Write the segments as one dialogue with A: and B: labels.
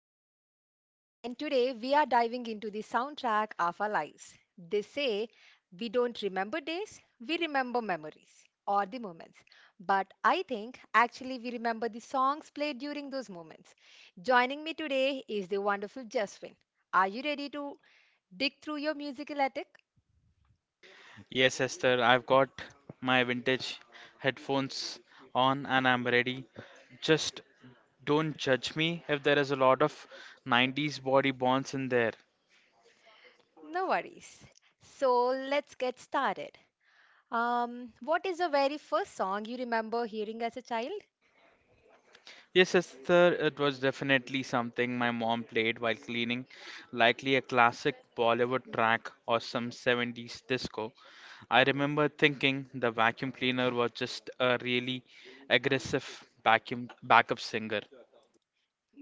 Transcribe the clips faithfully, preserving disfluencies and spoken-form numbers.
A: Esther, and today we are diving into the soundtrack of our lives. They say we don't remember days, we remember memories or the moments. But I think actually we remember the songs played during those moments. Joining me today is the wonderful Jasmine. Are you ready to dig through your musical attic? No worries. So let's get started. Um, what is the very first song you remember hearing as a child?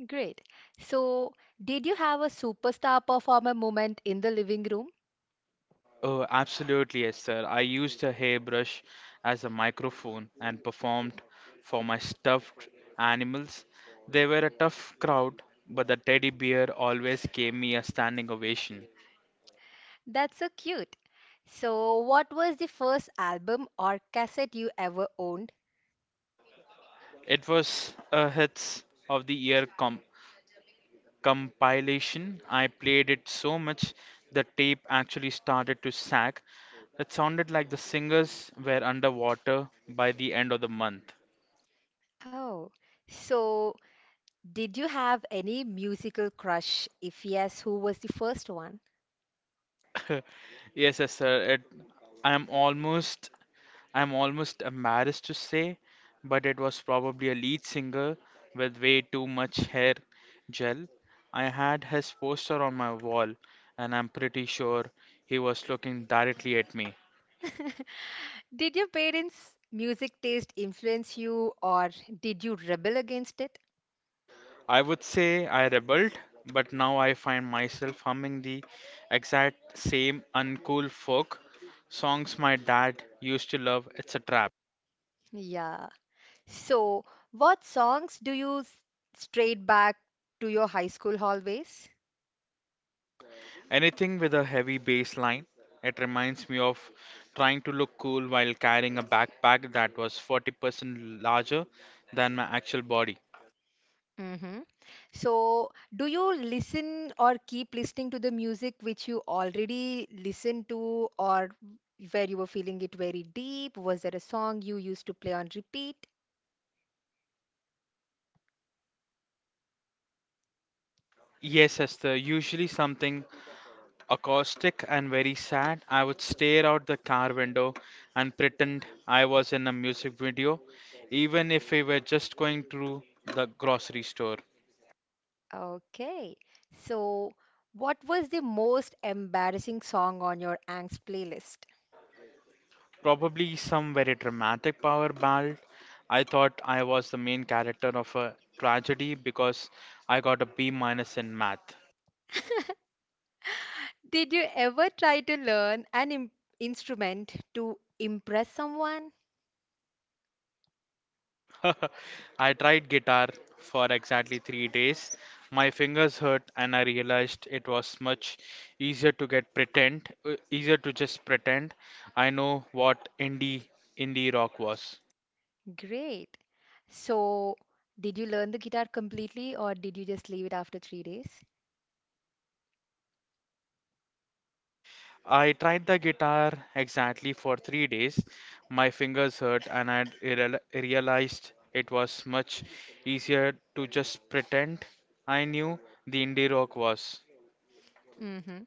A: Great. So, did you have a superstar performer moment in the living room? That's so cute. So, what was the first album or cassette you ever owned? Oh, so did you have any musical crush? If yes, who was the first one? Did your parents' music taste influence you or did you rebel against it? Yeah. So, what songs do you s- strayed back to your high school hallways? Mm-hmm. So, do you listen or keep listening to the music which you already listened to, or where you were feeling it very deep? Was there a song you used to play on repeat? Okay. So, what was the most embarrassing song on your angst playlist? Did you ever try to learn an im- instrument to impress someone? Great. So, did you learn the guitar completely, or did you just leave it after three days? Hmm.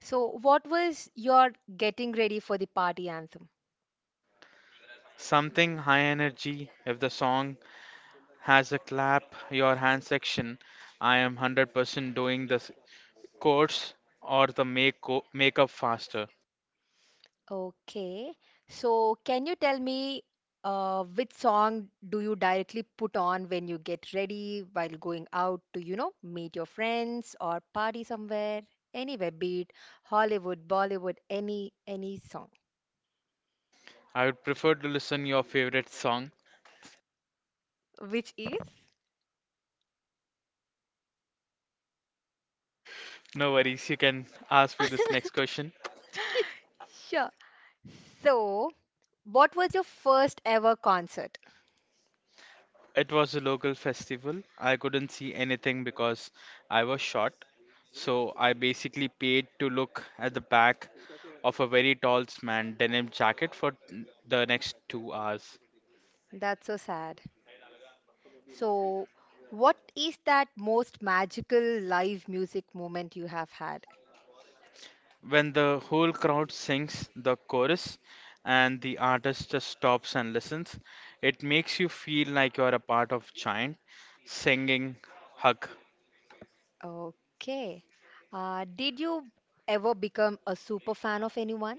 A: So, what was your getting ready for the party anthem? Okay. So, can you tell me uh, which song do you directly put on when you get ready while going out to, you know, meet your friends or party somewhere? Anywhere, be it Hollywood, Bollywood, any any song. Which is? Sure. So, what was your first ever concert? That's so sad. So, what is that most magical live music moment you have had? Okay. Uh, did you ever become a super fan of anyone?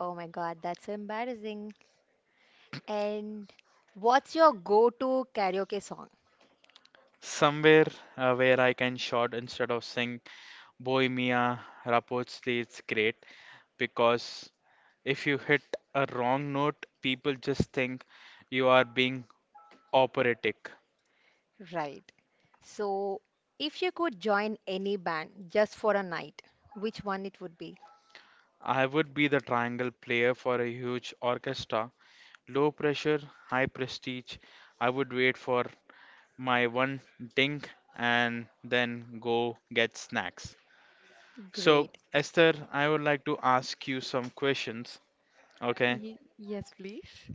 A: Oh my God, that's embarrassing. And what's your go-to karaoke song? Right. So, if you could join any band just for a night, which one it would be? Great. Y yes, please.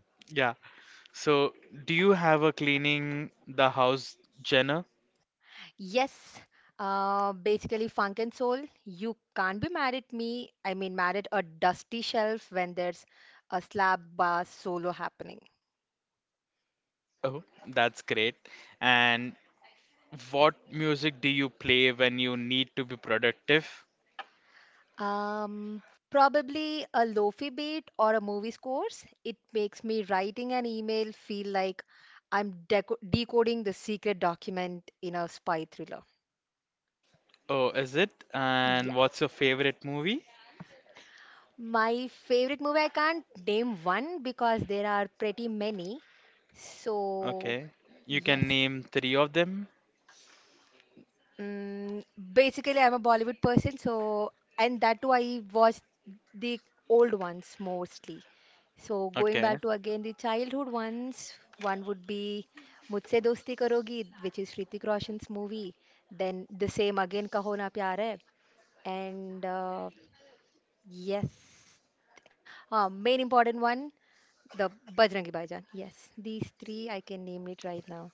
A: Yes, uh, basically funk and soul. You can't be mad at me. I mean, mad at a dusty shelf when there's a slab bass solo happening. Um, probably a lofi beat or a movie scores. It makes me writing an email feel like I'm deco decoding the secret document in a spy thriller. Yeah. My favorite movie, I can't name one because there are pretty many. So, yes. Mm, Basically, I'm a Bollywood person, so and that too, I watch the old ones mostly. So going back to again the childhood ones, one would be Mujhse Dosti Karogi, which is Hrithik Roshan's movie. Then the same again, Kaho Na Pyar Hai, and uh, yes, uh, main important one, the Bajrangi Bhaijaan. Yes, these three I can name it right now.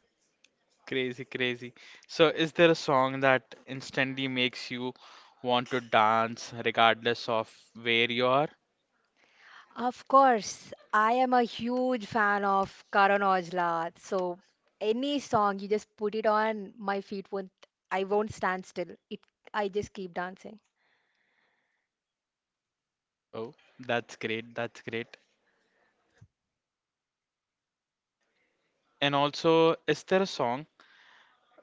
A: Of course, I am a huge fan of Karan Aujla. So any song you just put it on, my feet won't I won't stand still. It I just keep dancing.
B: And also, is there a song?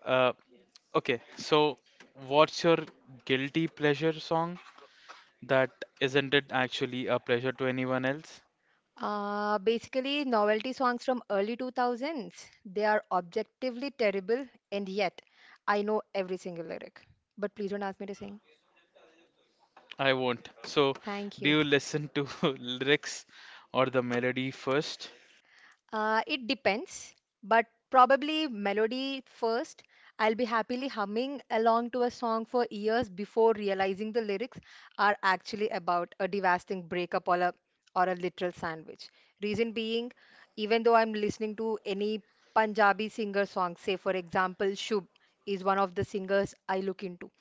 B: Uh, okay, so what's your guilty pleasure song that isn't it actually a pleasure to anyone else?
A: Uh, basically novelty songs from early two thousands. They are objectively terrible and yet I know every single lyric. But please don't ask me to sing.
B: I won't. So,
A: Thank
B: do
A: you.
B: you listen to lyrics or the melody first?
A: Uh, it depends, but probably melody first. I'll be happily humming along to a song for years before realizing the lyrics are actually about a devastating breakup or a or a literal sandwich. Reason being, even though I'm listening to any Punjabi singer song, say for example, Shub is one of the singers I look into.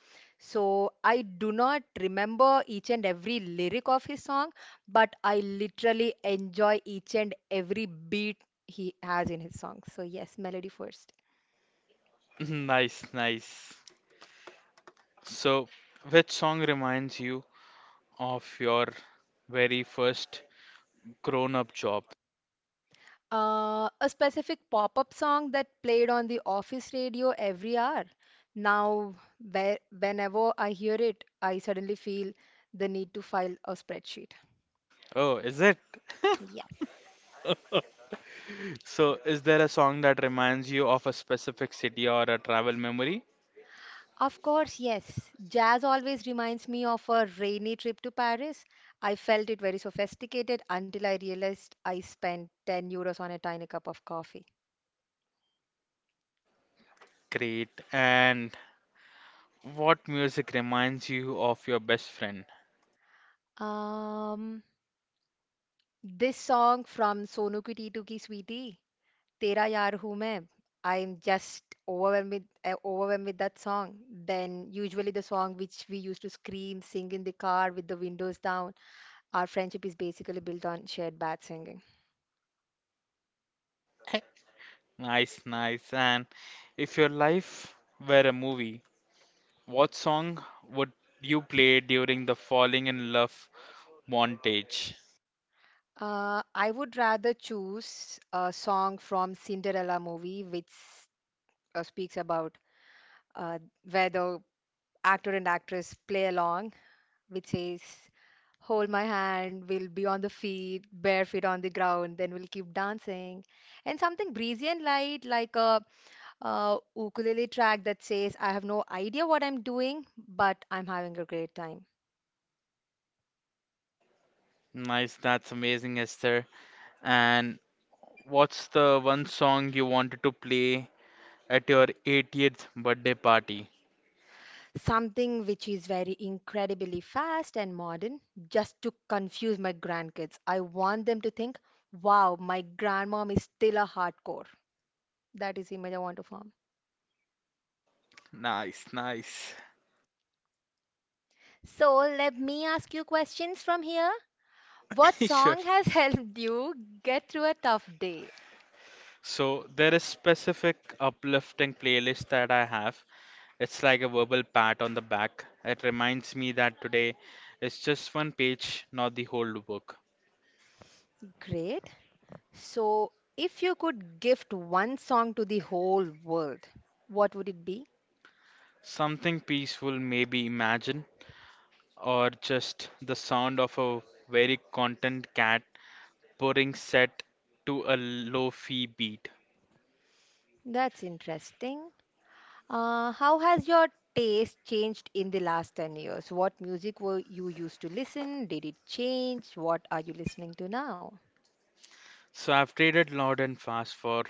A: So I do not remember each and every lyric of his song, but I literally enjoy each and every beat he has in his songs. So, yes, melody first.
B: Nice, nice. So, which song reminds you of your very first grown-up job?
A: Uh, a specific pop up song that played on the office radio every hour. Now, where, whenever I hear it, I suddenly feel the need to file a spreadsheet.
B: Oh, is it?
A: Yes.
B: So, is there a song that reminds you of a specific city or a travel memory?
A: Of course, yes. Jazz always reminds me of a rainy trip to Paris. I felt it very sophisticated until I realized I spent ten euros on a tiny cup of coffee.
B: Great. And what music reminds you of your best friend?
A: Um, this song from Sonu Ki Titu Ki Sweetie तेरा yaar हूं मैं. I'm just overwhelmed with, uh, overwhelmed with that song. Then usually the song which we used to scream, sing in the car with the windows down. Our friendship is basically built on shared bad singing.
B: Heh, Nice, nice. And if your life were a movie, what song would you play during the falling in love montage?
A: Uh, I would rather choose a song from Cinderella movie which uh, speaks about uh, where the actor and actress play along which says, hold my hand, we'll be on the feet, bare feet on the ground, then we'll keep dancing. And something breezy and light, like a, uh ukulele track that says, I have no idea what I'm doing, but I'm having a great time.
B: Nice, that's amazing, Esther. And what's the one song you wanted to play at your eightieth birthday party?
A: Something which is very incredibly fast and modern, just to confuse my grandkids. I want them to think, wow, my grandmom is still a hardcore. That is the image I want to form.
B: Nice, nice.
A: So let me ask you questions from here. What
B: Sure.
A: song has helped you get through a tough day?
B: So there is specific uplifting playlist that I have. It's like a verbal pat on the back. It reminds me that today is just one page, not the whole book.
A: Great. So, if you could gift one song to the whole world, what would it be?
B: Something peaceful, maybe imagine, or just the sound of a very content cat purring set to a low fee beat.
A: That's interesting. Uh, how has your taste changed in the last ten years? What music were you used to listen? Did it change? What are you listening to now?
B: So I've traded loud and fast for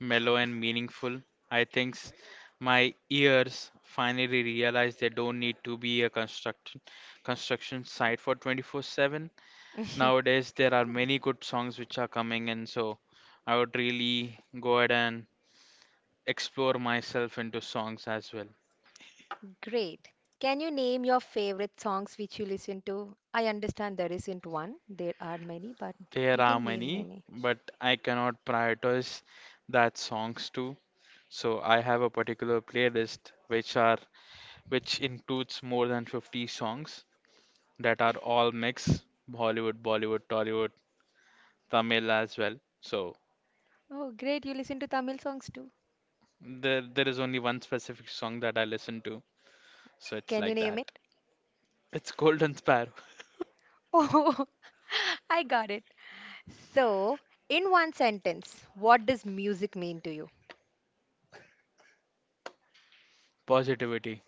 B: mellow and meaningful. I think s- my ears finally realize they don't need to be a construction construction site for twenty-four seven. Nowadays, there are many good songs which are coming in, so I would really go ahead and explore myself into songs as well.
A: Great. Can you name your favorite songs which you listen to? I understand there isn't one. There are many, but
B: There
A: you
B: are
A: can name
B: many,
A: any.
B: but I cannot prioritize that songs too. So I have a particular playlist which are which includes more than fifty songs that are all mix Hollywood, Bollywood, Tollywood, Tamil as well. So
A: Oh, great. You listen to Tamil songs too.
B: there there is only one specific song that I listen to. So it's
A: Can you
B: like that.
A: name it?
B: It's Golden Sparrow.
A: Oh, I got it. So, in one sentence, what does music mean to you?
B: Positivity.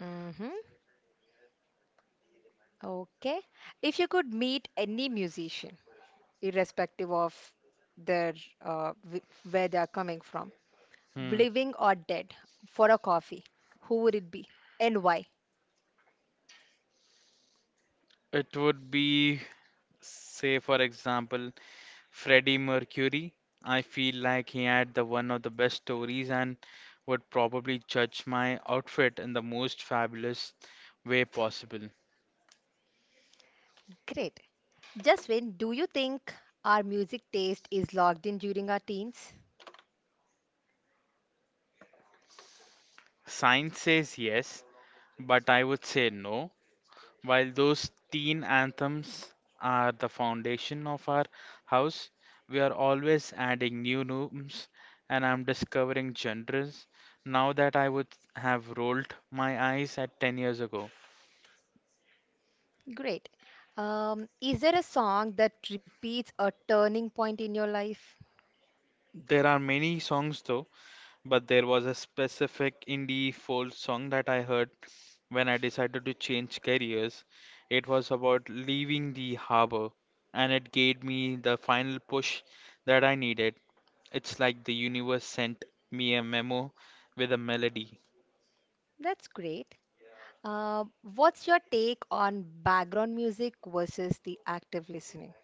A: Mm-hmm. Okay. If you could meet any musician, irrespective of their uh, wh- where they are coming from,
B: Hmm.
A: living or dead, for a coffee, who would it be and why?
B: It would be, say, for example, Freddie Mercury. I feel like he had the one of the best stories and would probably judge my outfit in the most fabulous way possible.
A: Great. Jaswin, do you think our music taste is locked in during our teens?
B: Science says yes, but I would say no. While those teen anthems are the foundation of our house, we are always adding new rooms and I'm discovering genres now that I would have rolled my eyes at ten years ago.
A: Great. Um, is there a song that repeats a turning point in your life?
B: There are many songs though, but there was a specific indie folk song that I heard when I decided to change careers. It was about leaving the harbor and it gave me the final push that I needed. It's like the universe sent me a memo with a melody.
A: That's great. Uh, what's your take on background music versus the active listening?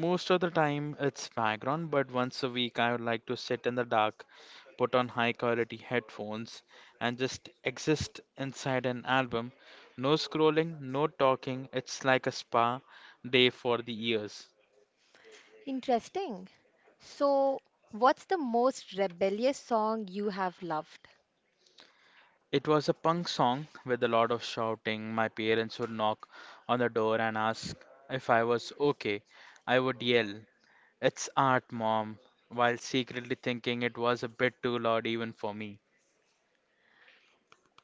B: Most of the time it's background, but once a week I would like to sit in the dark, put on high quality headphones, and just exist inside an album. No scrolling, no talking. It's like a spa day for the ears.
A: Interesting. So, what's the most rebellious song you have loved?
B: It was a punk song with a lot of shouting. My parents would knock on the door and ask if I was okay. I would yell, "It's art, mom," while secretly thinking it was a bit too loud even for me.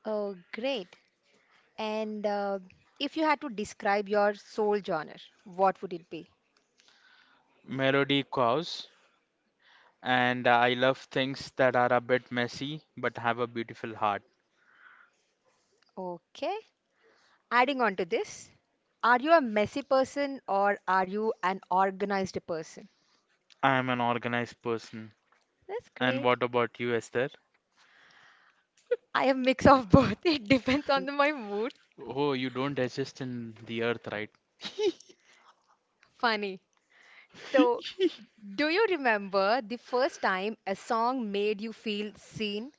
A: Oh, great. And uh, if you had to describe your soul genre, what would it be?
B: Melody cows, and I love things that are a bit messy but have a beautiful heart.
A: Okay. Adding on to this, are you a messy person or are you an organized person?
B: I am an organized person.
A: That's
B: And
A: great.
B: what about you, Esther?
A: I have mix of both. It depends on the- my mood.
B: Oh, you don't exist in the earth, right?
A: Funny. So, do you remember the first time a song made you feel seen?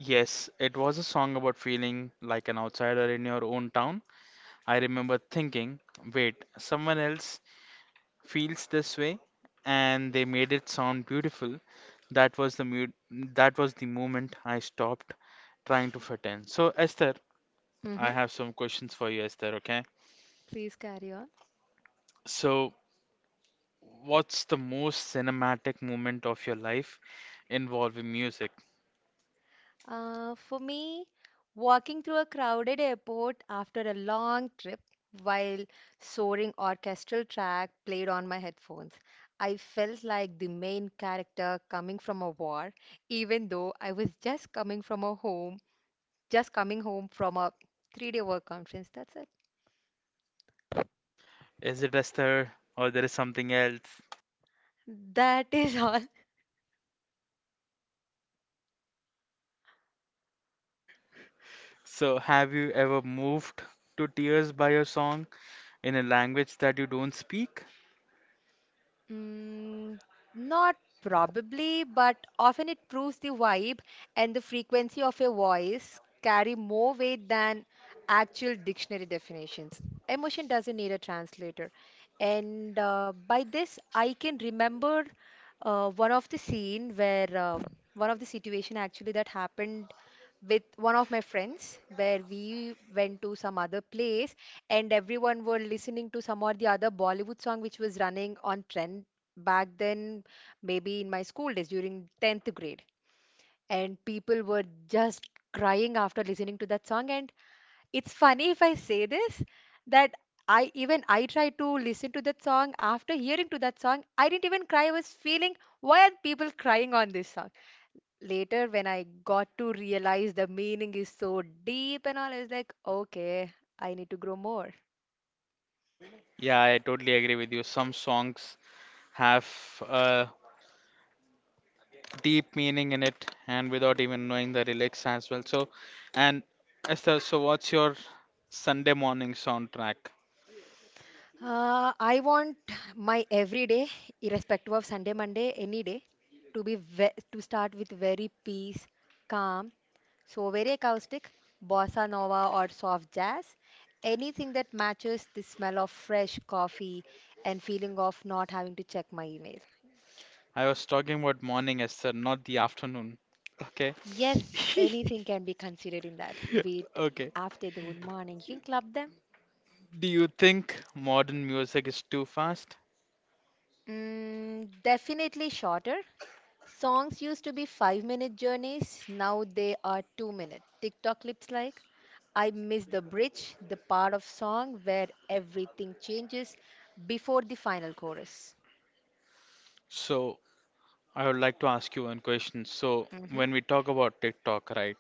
B: Yes, it was a song about feeling like an outsider in your own town. I remember thinking, wait, someone else feels this way, and they made it sound beautiful. That was the mood, that was the moment I stopped trying to fit in. So, Esther, I
A: Hmm.
B: have some questions for you, Esther, okay?
A: Please carry on.
B: So, what's the most cinematic moment of your life involving music?
A: Uh, for me, walking through a crowded airport after a long trip while soaring orchestral track played on my headphones. I felt like the main character coming from a war, even though I was just coming from a home just coming home from a three day work conference. That's it.
B: Is it Esther or there is something else?
A: That is all.
B: So, have you ever moved to tears by a song in a language that you don't speak?
A: Mm, not probably, but often it proves the vibe and the frequency of your voice carry more weight than actual dictionary definitions. Emotion doesn't need a translator. And uh, by this, I can remember uh, one of the scene where uh, one of the situation actually that happened with one of my friends where we went to some other place and everyone were listening to some or the other Bollywood song which was running on trend back then, maybe in my school days during tenth grade. And people were just crying after listening to that song. And it's funny if I say this that I even I tried to listen to that song after hearing to that song, I didn't even cry. I was feeling why are people crying on this song? Later when I got to realize the meaning is so deep and all, I was like, okay, I need to grow more.
B: Yeah, I totally agree with you. Some songs have uh, deep meaning in it and without even knowing the lyrics as well. So, and Esther, so what's your Sunday morning soundtrack?
A: Uh, I want my everyday, irrespective of Sunday, Monday, any day, to be ve to start with very peace, calm, so very acoustic, bossa nova or soft jazz, anything that matches the smell of fresh coffee and feeling of not having to check my email.
B: I was talking about morning, Esther, not the afternoon. Okay.
A: Yes, anything can be considered in that. Wait,
B: Okay.
A: after the good morning, you can club them.
B: Do you think modern music is too fast?
A: Mm, definitely shorter. Songs used to be five minute journeys, now they are two minute. TikTok clips like I miss the bridge, the part of song where everything changes before the final chorus.
B: So, I would like to ask you one question. So,
A: Mm-hmm,
B: when we talk about TikTok, right,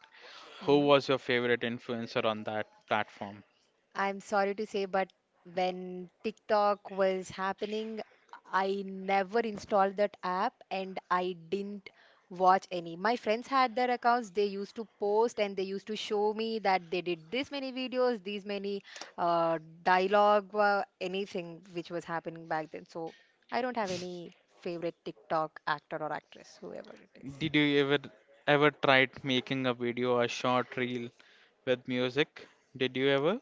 B: who
A: mm-hmm.
B: was your favorite influencer on that platform?
A: I'm sorry to say, but when TikTok was happening, I never installed that app and I didn't watch any. My friends had their accounts, they used to post and they used to show me that they did this many videos, these many uh, dialogue, uh, anything which was happening back then. So I don't have any favorite TikTok actor or actress, whoever it is.
B: Did you ever ever tried making a video, a short reel, with music. Did you ever?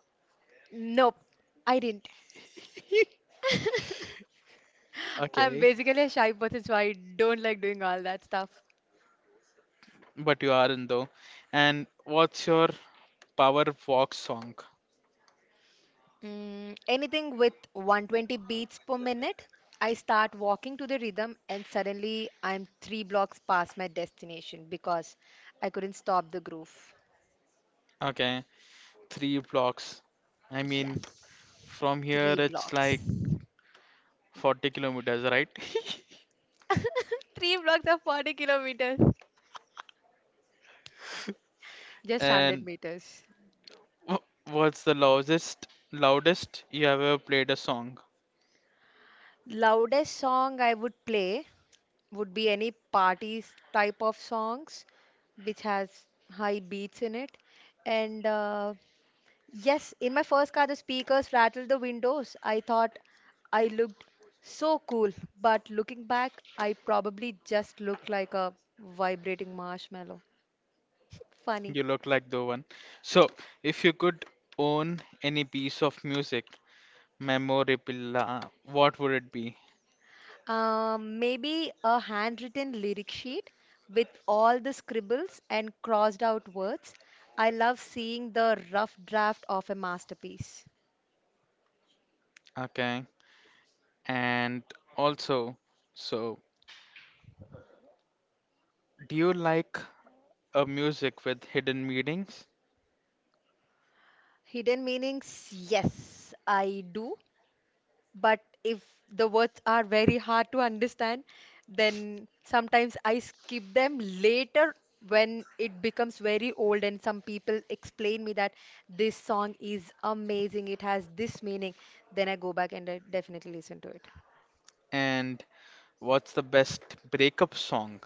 A: Nope, I didn't. I'm
B: Okay,
A: basically a shy person, so I don't like doing all that stuff.
B: but you aren't though. And what's your power walk song?
A: Mm, anything with one twenty beats per minute, I start walking to the rhythm, and suddenly I'm three blocks past my destination because I couldn't stop the groove.
B: Okay, three blocks. I mean,
A: Yes.
B: from here
A: Three
B: it's
A: blocks.
B: like forty kilometers, right?
A: Three blocks of forty kilometers. Just one hundred
B: And
A: meters.
B: wh- what's the loudest loudest you ever played a song?
A: Loudest song I would play would be any party s- type of songs which has high beats in it. And uh, yes, in my first car, the speakers rattled the windows. I thought I looked so cool, but looking back, I probably just looked like a vibrating marshmallow. Funny.
B: You look like the one. So, if you could own any piece of music, memorabilia, what would it be?
A: Um, maybe a handwritten lyric sheet with all the scribbles and crossed out words. I love seeing the rough draft of a masterpiece.
B: Okay. And also, so do you like a music with hidden meanings?
A: Hidden meanings, yes, I do. But if the words are very hard to understand, then sometimes I skip them later when it becomes very old and some people explain me that this song is amazing, it has this meaning, then I go back and I definitely listen to it.
B: And what's the best breakup song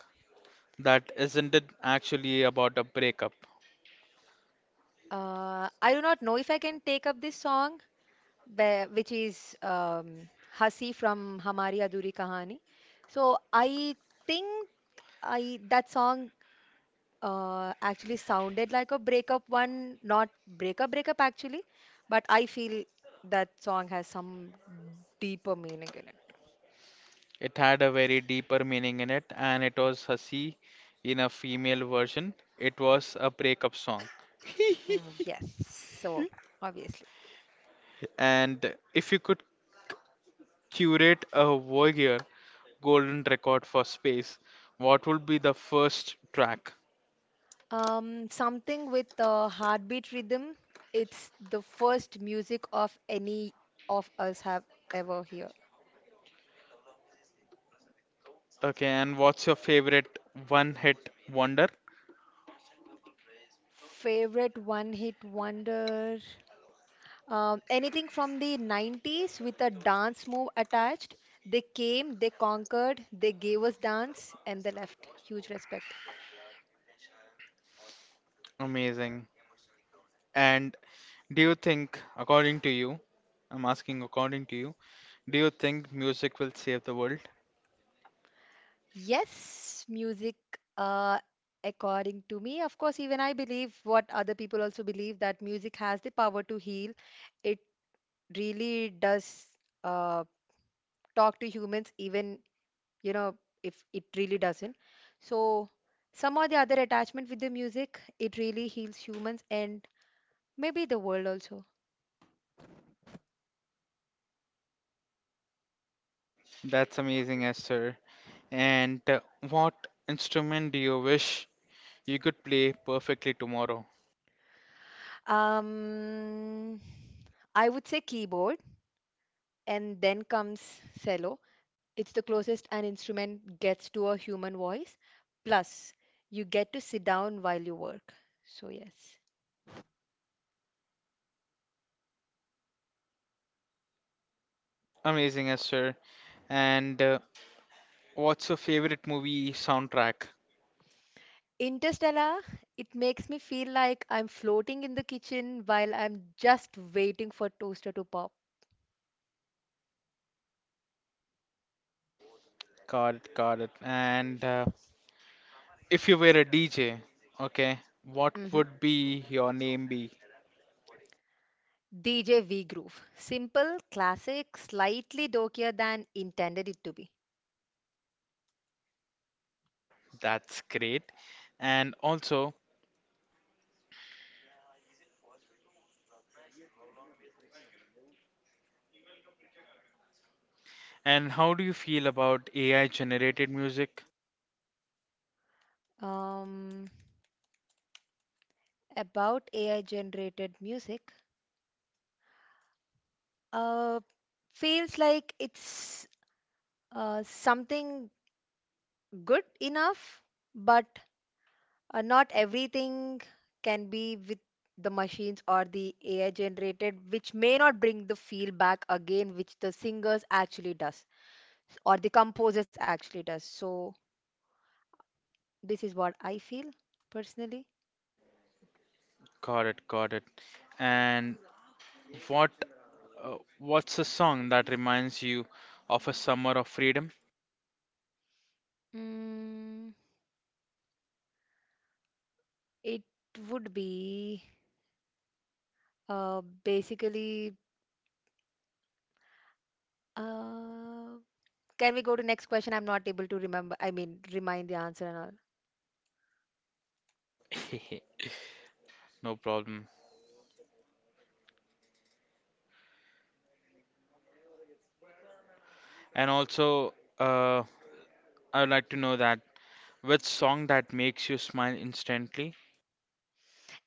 B: that isn't it actually about a breakup?
A: Uh, I do not know if I can take up this song, be- which is um, Hasi from Hamari Adhuri Kahani. So I think I that song uh, actually sounded like a breakup one, not breakup, breakup actually, but I feel that song has some deeper meaning in it.
B: It had a very deeper meaning in it, and it was Hasi in a female version. It was a breakup song.
A: Mm, yes, so obviously.
B: And if you could curate a Voyager golden record for space, what would be the first track?
A: Um, something with a heartbeat rhythm. It's the first music of any of us have ever heard.
B: Okay, and what's your favorite one hit wonder?
A: Favorite one hit wonder. Um, anything from the nineties with a dance move attached. They came, they conquered, they gave us dance, and they left. Huge respect.
B: Amazing. And do you think, according to you, I'm asking according to you, do you think music will save the world?
A: Yes, music, uh, according to me, of course, even I believe what other people also believe that music has the power to heal. It really does uh, talk to humans, even, you know, if it really doesn't. So, some or the other attachment with the music, it really heals humans and maybe the world also.
B: That's amazing, Esther. And uh, what instrument do you wish you could play perfectly tomorrow?
A: Um, I would say keyboard, and then comes cello. It's the closest an instrument gets to a human voice. Plus, you get to sit down while you work. So, yes.
B: Amazing, Esther. And uh, what's your favorite movie soundtrack?
A: Interstellar, it makes me feel like I'm floating in the kitchen while I'm just waiting for toaster to pop.
B: Got it, got it. And uh, if you were a D J, okay, what
A: Hmm,
B: would be your name be?
A: D J V Groove. Simple, classic, slightly dorkier than intended it to be.
B: That's great. And also, And how do you feel about A I generated music?
A: Um, about A I generated music, uh, feels like it's uh, something good enough, but uh, not everything can be with the machines or the A I generated, which may not bring the feel back again, which the singers actually does or the composers actually does. So this is what I feel personally.
B: Got it, got it. And what uh, what's a song that reminds you of a summer of freedom?
A: Mm, it would be uh, basically. Uh, Can we go to next question? I'm not able to remember. I mean, remind the answer and all.
B: No problem. And also, uh, I would like to know that which song that makes you smile instantly?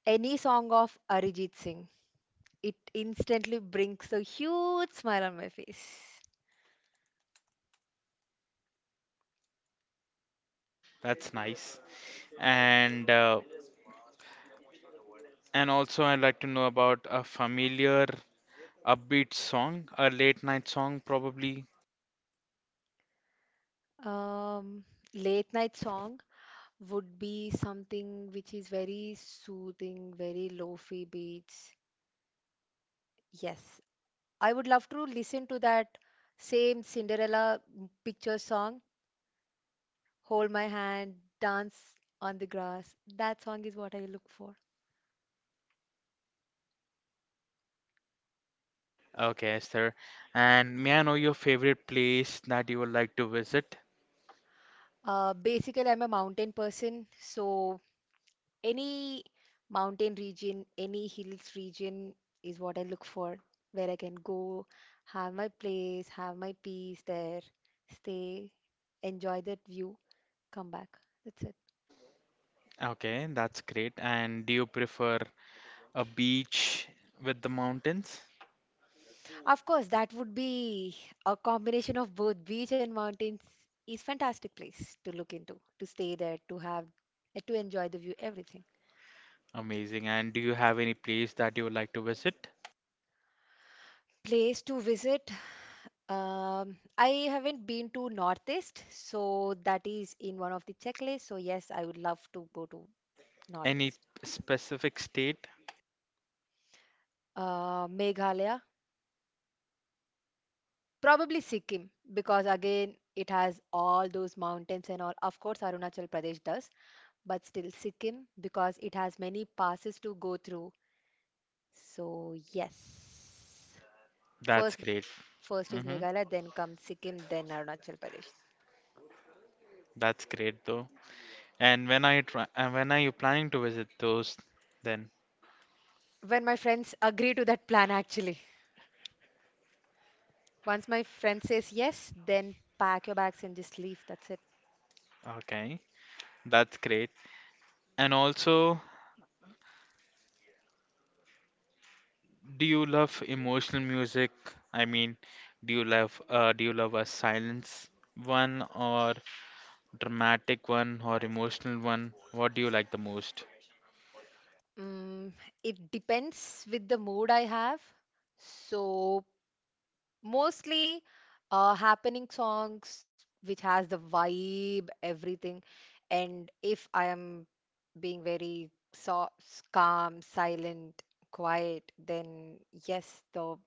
A: Any song of Arijit Singh, it instantly brings a huge smile on my face.
B: That's nice. And uh, and also, I'd like to know about a familiar upbeat song, a late night song probably.
A: Um, Late night song would be something which is very soothing, very lofi beats. Yes, I would love to listen to that same Cinderella picture song, Hold My Hand, Dance on the Grass. That song is what I look for.
B: Okay, sir. And may I know your favorite place that you would like to visit?
A: Uh, basically, I'm a mountain person, so any mountain region, any hills region is what I look for, where I can go, have my place, have my peace there, stay, enjoy that view, come back. That's it.
B: Okay, that's great. And do you prefer a beach with the mountains?
A: Of course, that would be a combination of both beach and mountains is fantastic place to look into, to stay there, to have, to enjoy the view, everything.
B: Amazing. And do you have any place that you would like to visit?
A: Place to visit. Um, I haven't been to Northeast, so that is in one of the checklists. So yes, I would love to go to
B: Any
A: Northeast.
B: specific state?
A: Uh, Meghalaya, probably Sikkim, because again it has all those mountains and all. Of course, Arunachal Pradesh does, but still Sikkim because it has many passes to go through. So yes,
B: That's
A: first
B: great.
A: first is
B: Mm-hmm.
A: Meghalaya, then comes Sikkim, then Arunachal Pradesh.
B: That's great though. And when are you try and when are you planning to visit those then?
A: When my friends agree to that plan, actually. Once my friend says yes, then pack your bags and just leave. That's it.
B: Okay. That's great. And also, do you love emotional music? I mean, do you love uh, do you love a silence one or dramatic one or emotional one? What do you like the most?
A: Mm, it depends with the mood I have. So mostly uh, happening songs which has the vibe, everything. And if I am being very so calm, silent, quiet, then yes, the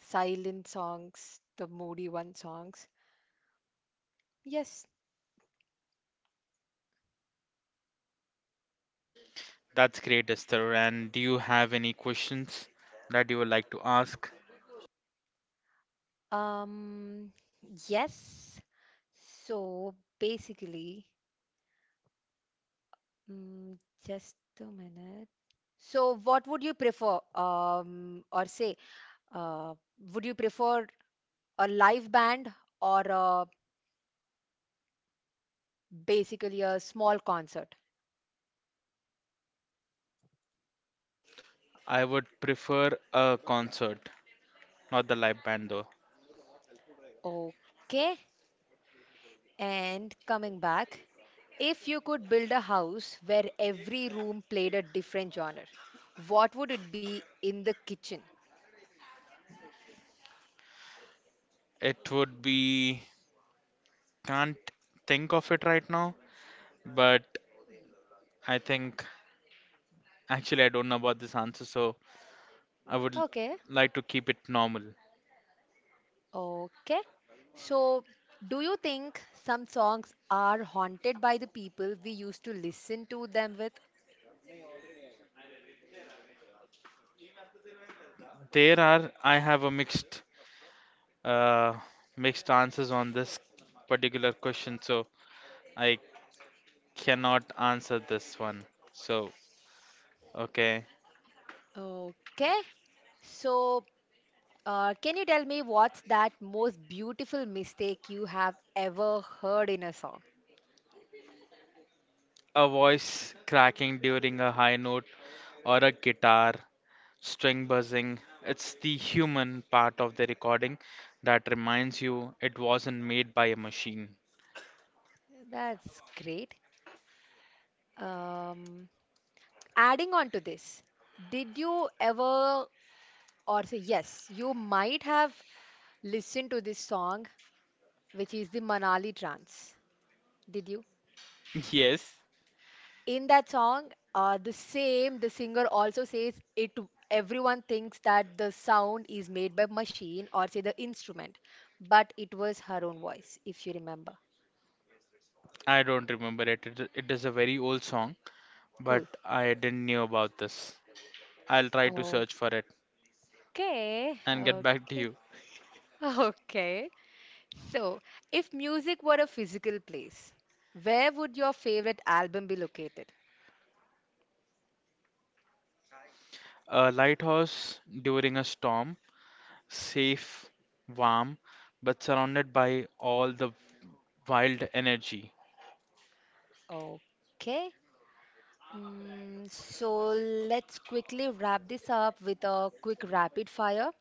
A: silent songs, the moody one songs. Yes.
B: That's great, Esther. And do you have any questions that you would like to ask?
A: Um, yes. So basically, mm, just a minute. So what would you prefer, um, or say, uh, would you prefer a live band or a, basically a small concert?
B: I would prefer a concert, not the live band though.
A: Okay. And coming back, if you could build a house where every room played a different genre, what would it be in the kitchen?
B: It would be Can't think of it right now, but I think actually I don't know about this answer, so I would
A: Okay.
B: like to keep it normal.
A: Okay. So, do you think some songs are haunted by the people we used to listen to them with?
B: There are, I have a mixed uh, mixed answers on this particular question, so I cannot answer this one. So, okay.
A: Okay. So, uh, can you tell me what's that most beautiful mistake you have ever heard in a song?
B: A voice cracking during a high note or a guitar string buzzing. It's the human part of the recording that reminds you it wasn't made by a machine.
A: That's great. Um, Adding on to this, did you ever, or say, yes, you might have listened to this song, which is the Manali Trance. Did you?
B: Yes,
A: In that song uh, the same the singer also says it, everyone thinks that the sound is made by machine or say the instrument, but it was her own voice if you remember.
B: I don't remember it. It, it is a very old song, but I didn't know about this. I'll try to
A: Cool.
B: search for it
A: Okay.
B: and get back to
A: Okay.
B: you.
A: Okay, so if music were a physical place, where would your favorite album be located?
B: A lighthouse during a storm, safe, warm, but surrounded by all the wild energy.
A: Okay. Mm, so let's quickly wrap this up with a quick rapid fire.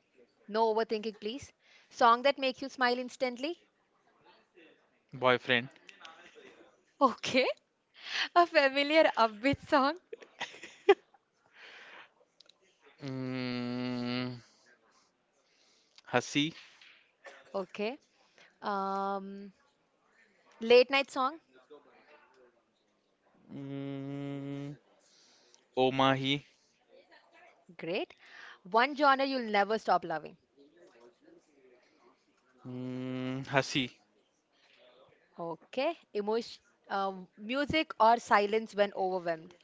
A: No overthinking, please. Song that makes you smile instantly.
B: Boyfriend.
A: Okay. A familiar upbeat song.
B: Mm, Hasi.
A: Okay. Um, Late night song.
B: Mm, Omahi.
A: Great. One genre you'll never stop loving.
B: Mm, Hasi.
A: Okay. Emotion, um, music or silence when overwhelmed.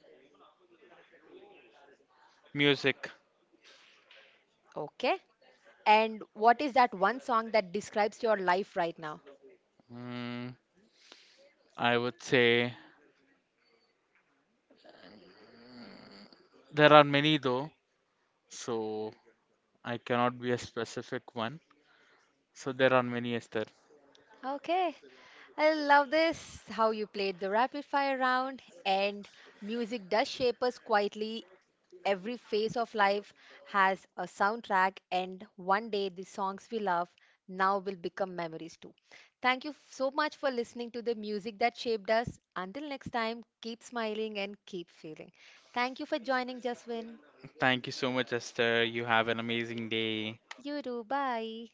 B: Music.
A: Okay. And what is that one song that describes your life right now?
B: Mm, I would say there are many though, so I cannot be a specific one. So there are many, Esther.
A: Okay. I love this. How you played the rapid fire round. And music does shape us quietly. Every phase of life has a soundtrack, and one day the songs we love now will become memories too. Thank you f- so much for listening to the music that shaped us. Until next time, keep smiling and keep feeling. Thank you for joining, Jaswin.
B: Thank you so much, Esther. You have an amazing day.
A: You do. Bye.